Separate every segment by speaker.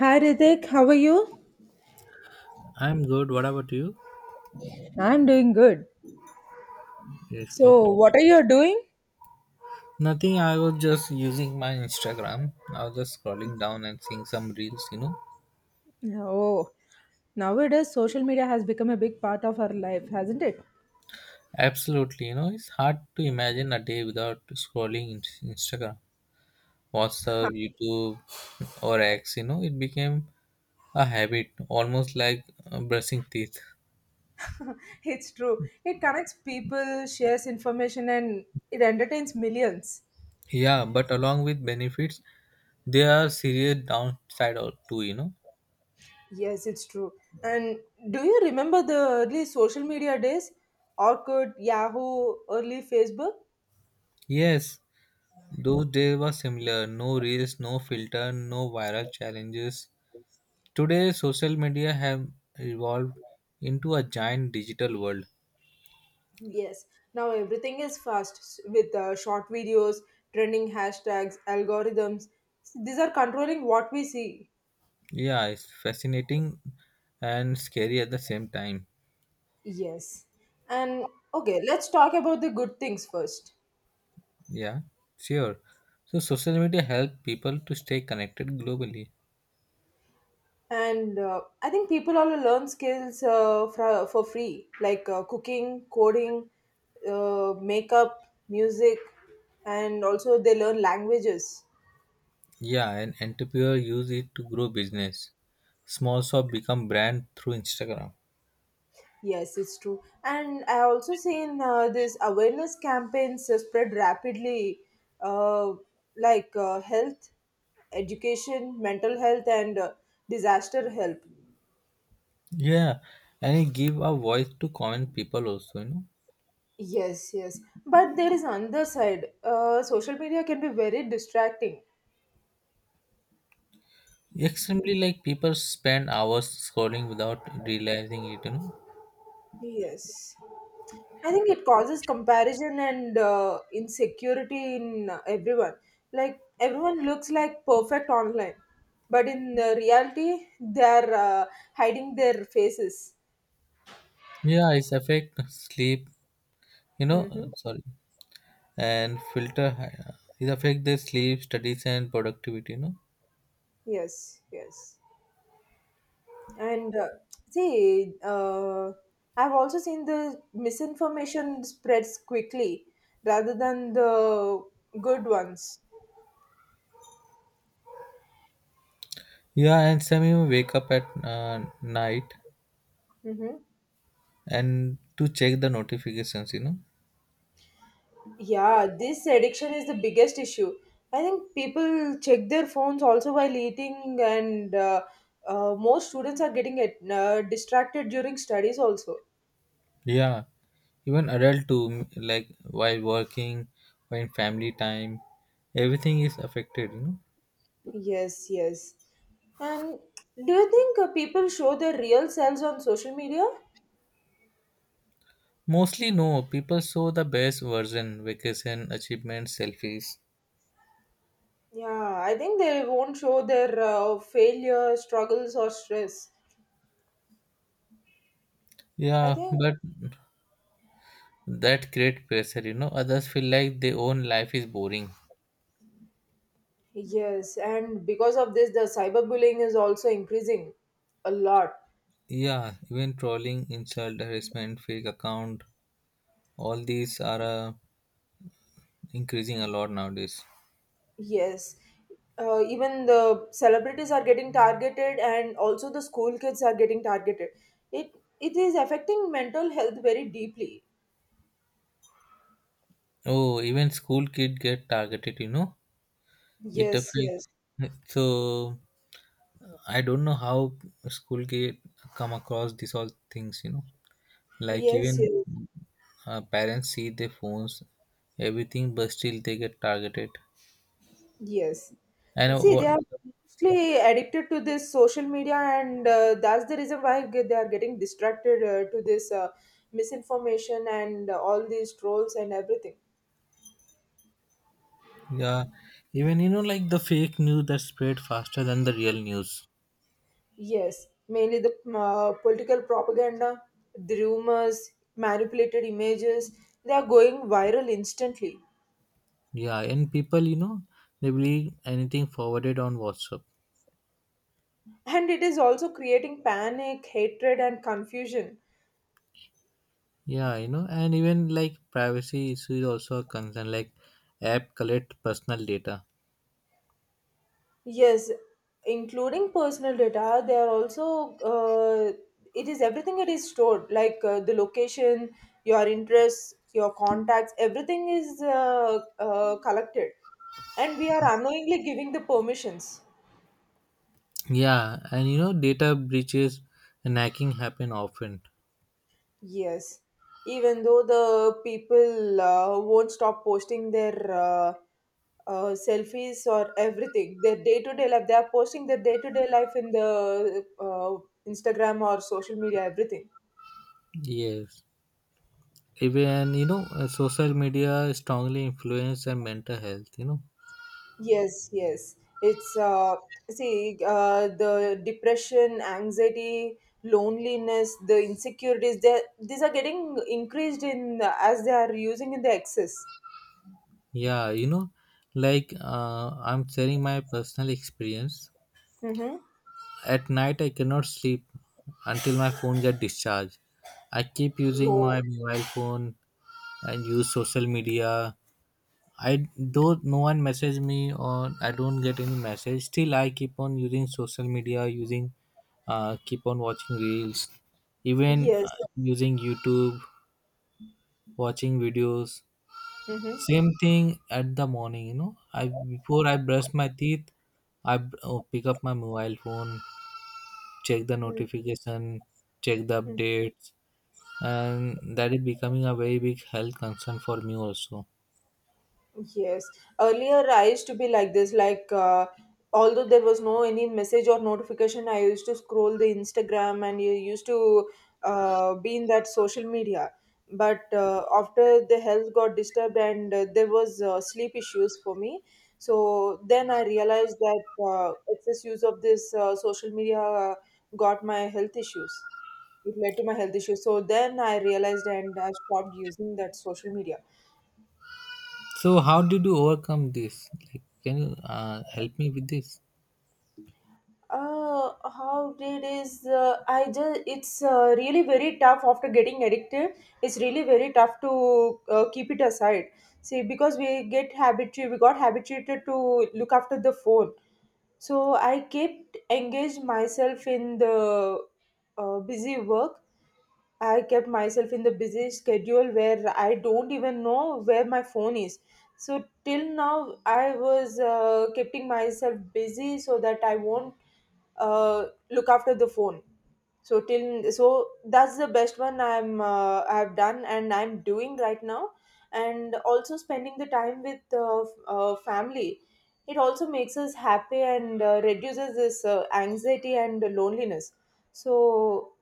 Speaker 1: Hi Ritik, how are you?
Speaker 2: I'm good. What about you?
Speaker 1: I'm doing good.
Speaker 2: Yes,
Speaker 1: So,
Speaker 2: okay.
Speaker 1: what are you doing?
Speaker 2: Nothing. I was just using my Instagram. I was just scrolling down and seeing some reels.
Speaker 1: Oh, nowadays social media has become a big part of our life, hasn't it?
Speaker 2: Absolutely, it's hard to imagine a day without scrolling in Instagram, WhatsApp, YouTube, or X. It became a habit, almost like brushing teeth.
Speaker 1: It's true. It connects people, shares information, and it entertains millions.
Speaker 2: Yeah, but along with benefits, there are serious downside too.
Speaker 1: Yes, it's true. And do you remember the early social media days? Orkut, Yahoo, early Facebook?
Speaker 2: Yes, those days were similar. No reels, no filter, no viral challenges. Today, social media have evolved into a giant digital world.
Speaker 1: Yes, now everything is fast with short videos, trending hashtags, algorithms. These are controlling what we see.
Speaker 2: Yeah, it's fascinating and scary at the same time.
Speaker 1: Yes. And okay, let's talk about the good things first.
Speaker 2: Yeah, sure. So, social media help people to stay connected globally.
Speaker 1: And I think people all learn skills for free, like cooking, coding, makeup, music, and also they learn languages.
Speaker 2: Yeah, and entrepreneur use it to grow business. Small shop become brand through Instagram.
Speaker 1: Yes, it's true. And I also seen these awareness campaigns spread rapidly, uh, like health, education, mental health, and disaster help.
Speaker 2: Yeah, and it give a voice to common people also.
Speaker 1: Yes, yes. But there is another side. Social media can be very distracting.
Speaker 2: Extremely, like people spend hours scrolling without realizing it.
Speaker 1: Yes. I think it causes comparison and insecurity in everyone. Like everyone looks like perfect online, but in the reality, they're hiding their faces.
Speaker 2: Yeah, it's affect sleep, You know,
Speaker 1: Mm-hmm.
Speaker 2: uh, sorry, and filter hi- it affect their sleep, studies, and productivity.
Speaker 1: Yes, yes. And see, I've also seen the misinformation spreads quickly rather than the good ones.
Speaker 2: Yeah, and some even wake up at night
Speaker 1: Mm-hmm.
Speaker 2: and to check the notifications.
Speaker 1: Yeah, this addiction is the biggest issue. I think people check their phones also while eating, and most students are getting it, distracted during studies also.
Speaker 2: Yeah, even adult too, like while working or in family time, everything is affected.
Speaker 1: Yes, yes. And do you think people show their real selves on social media?
Speaker 2: Mostly no, people show the best version, vacation, achievements, selfies.
Speaker 1: Yeah, I think they won't show their failure, struggles, or stress. I
Speaker 2: Yeah,
Speaker 1: think,
Speaker 2: but that create pressure. Others feel like their own life is boring.
Speaker 1: yes, and because of this, the cyberbullying is also increasing a lot.
Speaker 2: Yeah, even trolling, insult, harassment, fake account, all these are increasing a lot nowadays.
Speaker 1: Yes. Even the celebrities are getting targeted and also the school kids are getting targeted. It it is affecting mental health very deeply.
Speaker 2: Oh, even school kid get targeted, you know? It
Speaker 1: Yes, yes.
Speaker 2: affects. So I don't know how school kid come across these all things, you know? Like
Speaker 1: Yes,
Speaker 2: even
Speaker 1: yes.
Speaker 2: parents see their phones, everything, but still they get targeted.
Speaker 1: Yes.
Speaker 2: And
Speaker 1: See, they
Speaker 2: what?
Speaker 1: are mostly addicted to this social media and that's the reason why they are getting distracted to this misinformation and all these trolls and everything.
Speaker 2: Yeah, even like the fake news that spread faster than the real news.
Speaker 1: Yes, mainly the political propaganda, the rumors, manipulated images, they are going viral instantly.
Speaker 2: Yeah, and people, they believe anything forwarded on WhatsApp.
Speaker 1: And it is also creating panic, hatred, and confusion.
Speaker 2: Yeah, and even like privacy issue is also a concern. Like app collect personal data.
Speaker 1: Yes, including personal data, they are also, it is everything it is stored, like the location, your interests, your contacts, everything is collected. And we are unknowingly giving the permissions.
Speaker 2: Yeah, and data breaches and hacking happen often.
Speaker 1: Yes, even though the people won't stop posting their selfies or everything, their day to day life, they are posting their day to day life in the Instagram or social media, everything.
Speaker 2: Yes, even social media strongly influence and mental health. You know,
Speaker 1: Yes, yes. It's see the depression, anxiety, loneliness, the insecurities. They these are getting increased in as they are using in the excess.
Speaker 2: yeah, you know, like uh, I'm sharing my personal experience.
Speaker 1: Mm-hmm.
Speaker 2: At night, I cannot sleep until my phone gets discharged. I keep using
Speaker 1: Oh,
Speaker 2: my mobile phone and use social media. I though no one message me or I don't get any message. Still, I keep on using social media, using keep on watching reels, even
Speaker 1: yes.
Speaker 2: using YouTube, watching videos.
Speaker 1: Mm-hmm.
Speaker 2: Same thing at the morning. You know, I Before I brush my teeth, I pick up my mobile phone, check the notification, check the
Speaker 1: Mm,
Speaker 2: updates, and that is becoming a very big health concern for me also.
Speaker 1: yes. Earlier, I used to be like this. Like, although there was no any message or notification, I used to scroll the Instagram and you used to be in that social media. But after the health got disturbed and there was sleep issues for me, so then I realized that excess use of this social media got my health issues. It led to my health issues. So then I realized and I stopped using that social media.
Speaker 2: So how did you overcome this? Like, can you help me with this?
Speaker 1: How did is I just it's really very tough after getting addicted. It's really very tough to keep it aside. See, because we get habituated, we got habituated to look after the phone. So I kept engaged myself in the busy work. I kept myself in the busy schedule where I don't even know where my phone is. So till now, I was keeping myself busy so that I won't look after the phone, so that's the best one. I've done and I'm doing right now, and also spending the time with family. It also makes us happy and reduces this anxiety and loneliness. So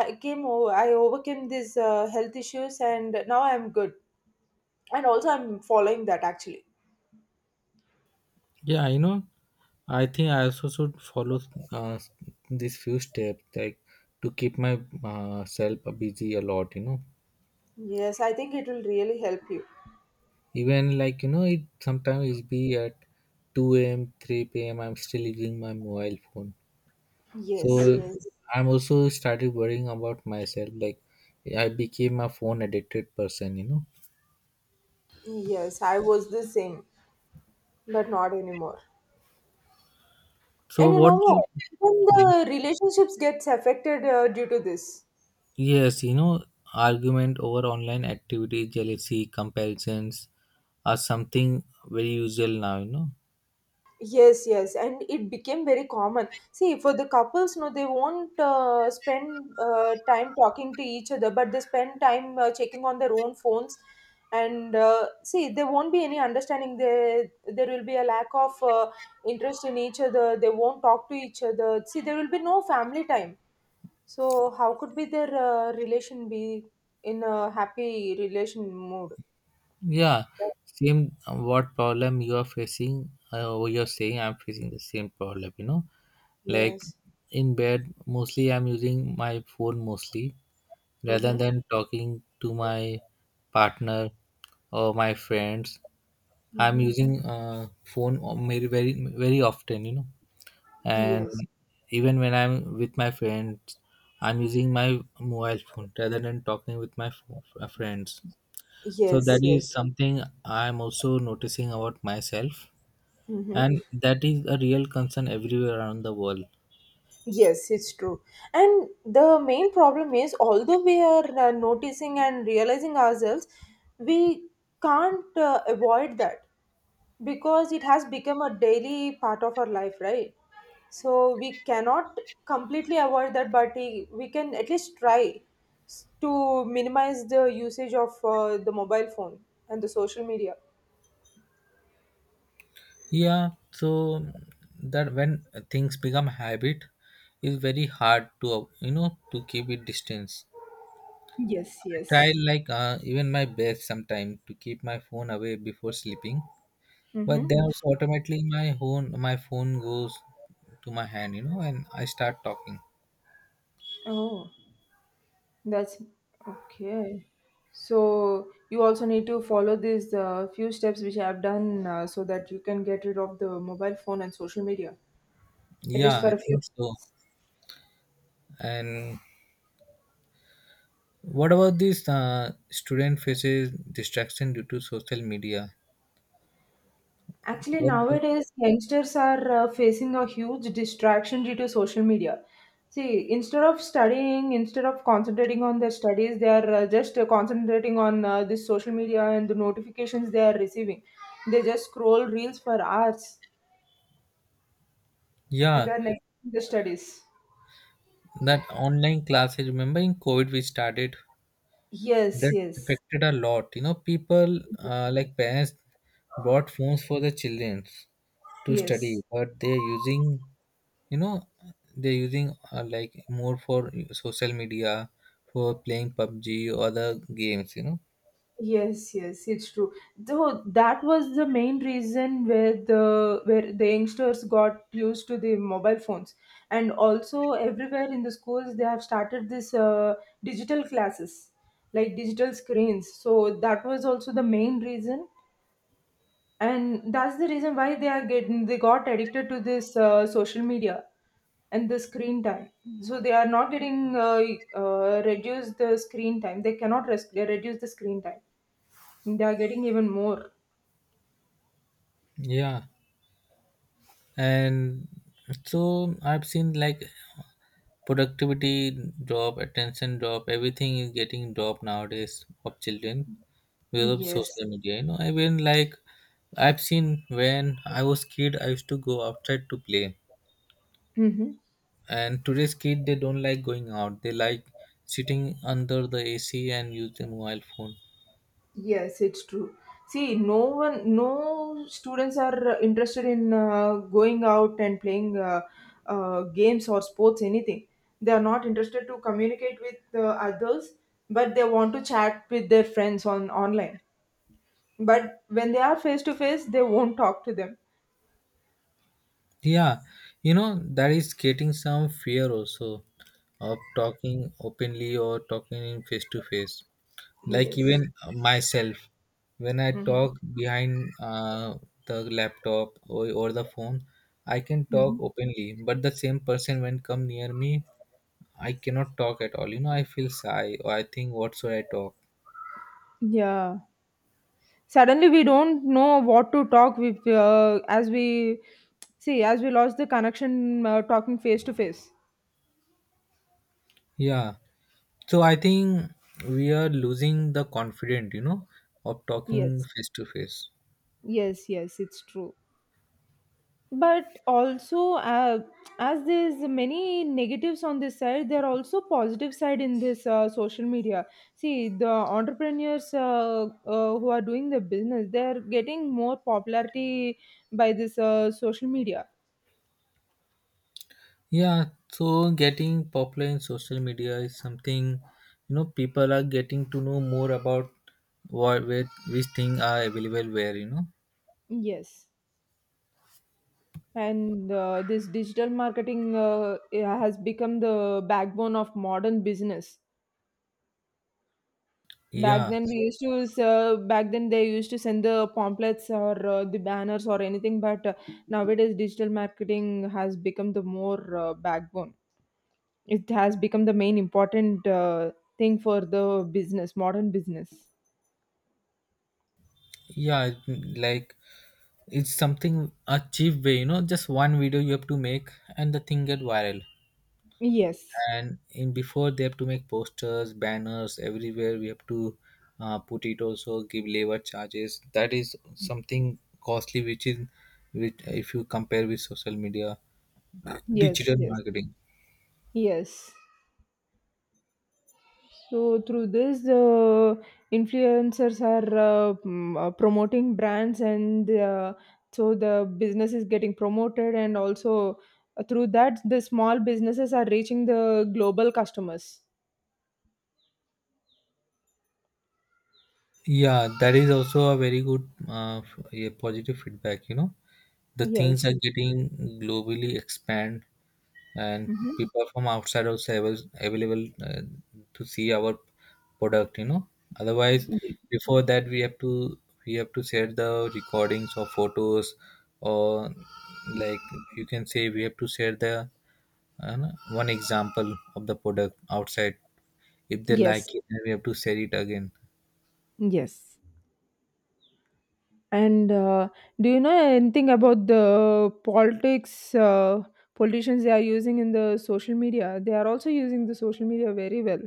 Speaker 1: I overcame these health issues and now I'm good, and also I'm following that actually.
Speaker 2: Yeah, I think I also should follow uh, these few steps like to keep my self busy a lot.
Speaker 1: Yes, I think it will really help you.
Speaker 2: Even like it sometimes it be at 2 a.m., 3 p.m. I'm still using my mobile phone.
Speaker 1: Yes,
Speaker 2: So
Speaker 1: yes,
Speaker 2: I'm also started worrying about myself. Like I became a phone addicted person.
Speaker 1: yes, I was the same, but not anymore.
Speaker 2: So
Speaker 1: And you
Speaker 2: what?
Speaker 1: know what? Even
Speaker 2: You-
Speaker 1: the relationships gets affected due to this.
Speaker 2: yes, argument over online activity, jealousy, comparisons are something very usual now.
Speaker 1: Yes, yes, and it became very common. See, for the couples, no, they won't spend time talking to each other, but they spend time checking on their own phones. And see, there won't be any understanding. There will be a lack of interest in each other. They won't talk to each other. See, there will be no family time. So, how could be their relation be in a happy relation mood?
Speaker 2: Yeah. Same. What problem you are facing? Or you're saying I'm facing the same problem. Like
Speaker 1: Yes.
Speaker 2: in bed mostly I'm using my phone mostly rather
Speaker 1: Mm-hmm.
Speaker 2: than talking to my partner or my friends, I'm
Speaker 1: Mm-hmm.
Speaker 2: using very very very often, and
Speaker 1: Yes.
Speaker 2: even when I'm with my friends, I'm using my mobile phone rather than talking with my friends, so
Speaker 1: Yes.
Speaker 2: that is
Speaker 1: Yes.
Speaker 2: something I'm also noticing about myself,
Speaker 1: Mm-hmm.
Speaker 2: and that is a real concern everywhere around the world.
Speaker 1: Yes, it's true. And the main problem is, although we are noticing and realizing ourselves, we can't avoid that because it has become a daily part of our life, right? So we cannot completely avoid that, but we can at least try to minimize the usage of the mobile phone and the social media.
Speaker 2: Yeah, so that when things become habit, it's very hard to to keep it distance.
Speaker 1: Yes,
Speaker 2: I try
Speaker 1: yes.
Speaker 2: like even my best sometimes to keep my phone away before sleeping,
Speaker 1: Mm-hmm.
Speaker 2: but then also automatically my phone goes to my hand, and I start talking.
Speaker 1: Oh, that's okay. So you also need to follow these few steps which I have done so that you can get rid of the mobile phone and social media, at
Speaker 2: Yeah,
Speaker 1: least for
Speaker 2: I
Speaker 1: a few.
Speaker 2: think so. And what about this student faces distraction due to social media?
Speaker 1: Actually,
Speaker 2: What do,
Speaker 1: nowadays, youngsters are facing a huge distraction due to social media. See, instead of studying, instead of concentrating on their studies, they are just concentrating on this social media and the notifications they are receiving. They just scroll reels for hours and
Speaker 2: yeah,
Speaker 1: then next the studies.
Speaker 2: that online classes. Remember in COVID we started.
Speaker 1: Yes,
Speaker 2: That
Speaker 1: yes,
Speaker 2: affected a lot. People like parents bought phones for their children to study,
Speaker 1: yes,
Speaker 2: but they're using, you know, they're using like more for social media, for playing PUBG or other games.
Speaker 1: yes, yes. It's true. Though that was the main reason where the youngsters got used to the mobile phones, and also everywhere in the schools they have started this digital classes, like digital screens. So that was also the main reason, and that's the reason why they are getting they got addicted to this social media and the screen time, so they are not getting reduce the screen time, they cannot rest, they reduce the screen time, they are getting even more.
Speaker 2: Yeah. And so I've seen like productivity drop, attention drop, everything is getting drop nowadays of children because of
Speaker 1: Yes.
Speaker 2: social media. I mean, like I've seen when I was kid I used to go outside to play,
Speaker 1: Mhm.
Speaker 2: and today's kid they don't like going out, they like sitting under the AC and use the mobile phone.
Speaker 1: Yes, it's true. See, no one, no students are interested in going out and playing games or sports, anything. They are not interested to communicate with others, but they want to chat with their friends on online. But when they are face to face, they won't talk to them.
Speaker 2: Yeah, you know that is creating some fear also of talking openly or talking in face to face, like
Speaker 1: Yes.
Speaker 2: even myself when I
Speaker 1: Hmm.
Speaker 2: talk behind the laptop or the phone, I can
Speaker 1: Hmm.
Speaker 2: talk openly, but the same person when come near me, I cannot talk at all, I feel shy or I think what should I talk.
Speaker 1: Yeah. Suddenly, we don't know what to talk with, as we see, as we lost the connection talking face to face.
Speaker 2: Yeah, so I think we are losing the confidence, of talking
Speaker 1: Yes.
Speaker 2: face to face.
Speaker 1: Yes, yes, it's true. But also, as there's many negatives on this side, there are also positive side in this social media. See, the entrepreneurs who are doing the business, they're getting more popularity by this social media.
Speaker 2: Yeah, so getting popular in social media is something, people are getting to know more about what, where, which thing are available where.
Speaker 1: Yes, and this digital marketing has become the backbone of modern business. Back
Speaker 2: Yeah,
Speaker 1: then, we used to s- uh, back then they used to send the pamphlets or the banners or anything, but nowadays digital marketing has become the more backbone. It has become the main important thing for the business, modern business.
Speaker 2: yeah, like it's something a cheap way, Just one video you have to make and the thing get viral.
Speaker 1: Yes,
Speaker 2: And in before they have to make posters, banners everywhere. We have to put it, also give labor charges. That is something costly, which if you compare with social media
Speaker 1: yes,
Speaker 2: digital
Speaker 1: yes,
Speaker 2: marketing.
Speaker 1: yes. So through this, influencers are promoting brands, and so the business is getting promoted, and also through that, the small businesses are reaching the global customers.
Speaker 2: Yeah, that is also a very good f- a positive feedback. The things
Speaker 1: Yes.
Speaker 2: are getting globally expand, and
Speaker 1: Mhm.
Speaker 2: people from outside also available to see our product. Otherwise, before that we have to share the recordings or photos, or like you can say we have to share the uh, one example of the product outside. If they
Speaker 1: Yes.
Speaker 2: like it, then we have to share it again.
Speaker 1: Yes. And do you know anything about the politics? Politicians they are using in the social media. They are also using the social media very well.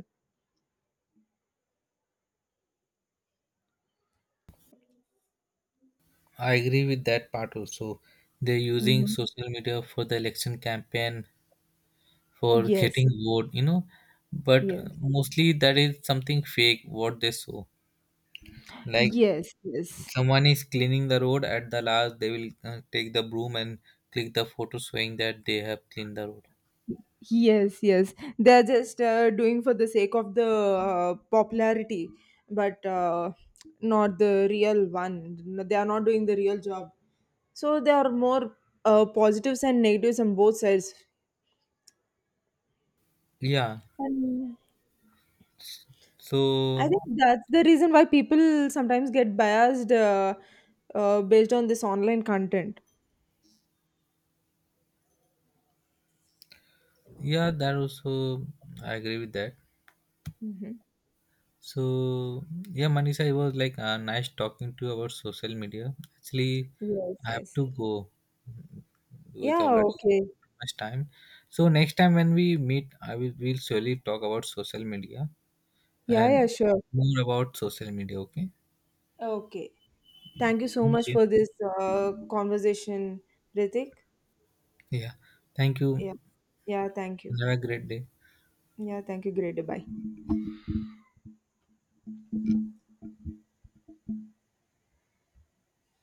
Speaker 2: I agree with that part also. They're using
Speaker 1: Mhm.
Speaker 2: social media for the election campaign, for
Speaker 1: Yes.
Speaker 2: getting vote. But
Speaker 1: Yes.
Speaker 2: mostly that is something fake, what they show. Like
Speaker 1: Yes, yes.
Speaker 2: someone is cleaning the road, at the last they will take the broom and click the photo showing that they have cleaned the road.
Speaker 1: Yes, yes. They're just doing for the sake of the popularity, but not the real one. No, they are not doing the real job. So there are more positives and negatives on both sides.
Speaker 2: Yeah.
Speaker 1: And I
Speaker 2: So,
Speaker 1: think that's the reason why people sometimes get biased based on this online content.
Speaker 2: yeah, that also, I agree with that.
Speaker 1: Hmm.
Speaker 2: So, yeah, Manisha, it was like nice talking to you about social media. Actually,
Speaker 1: Yes,
Speaker 2: I have
Speaker 1: yes.
Speaker 2: to go, with
Speaker 1: Yeah,
Speaker 2: already
Speaker 1: okay.
Speaker 2: much time. So next time when we meet, I will we'll surely talk about social media
Speaker 1: Yeah,
Speaker 2: and
Speaker 1: yeah, sure.
Speaker 2: more about social media. Okay.
Speaker 1: Okay. Thank you so much
Speaker 2: Thank you.
Speaker 1: for this conversation, Ritik.
Speaker 2: Yeah. Thank you.
Speaker 1: Yeah. Yeah, thank you.
Speaker 2: Have a great day.
Speaker 1: Yeah, thank you. Great. Bye.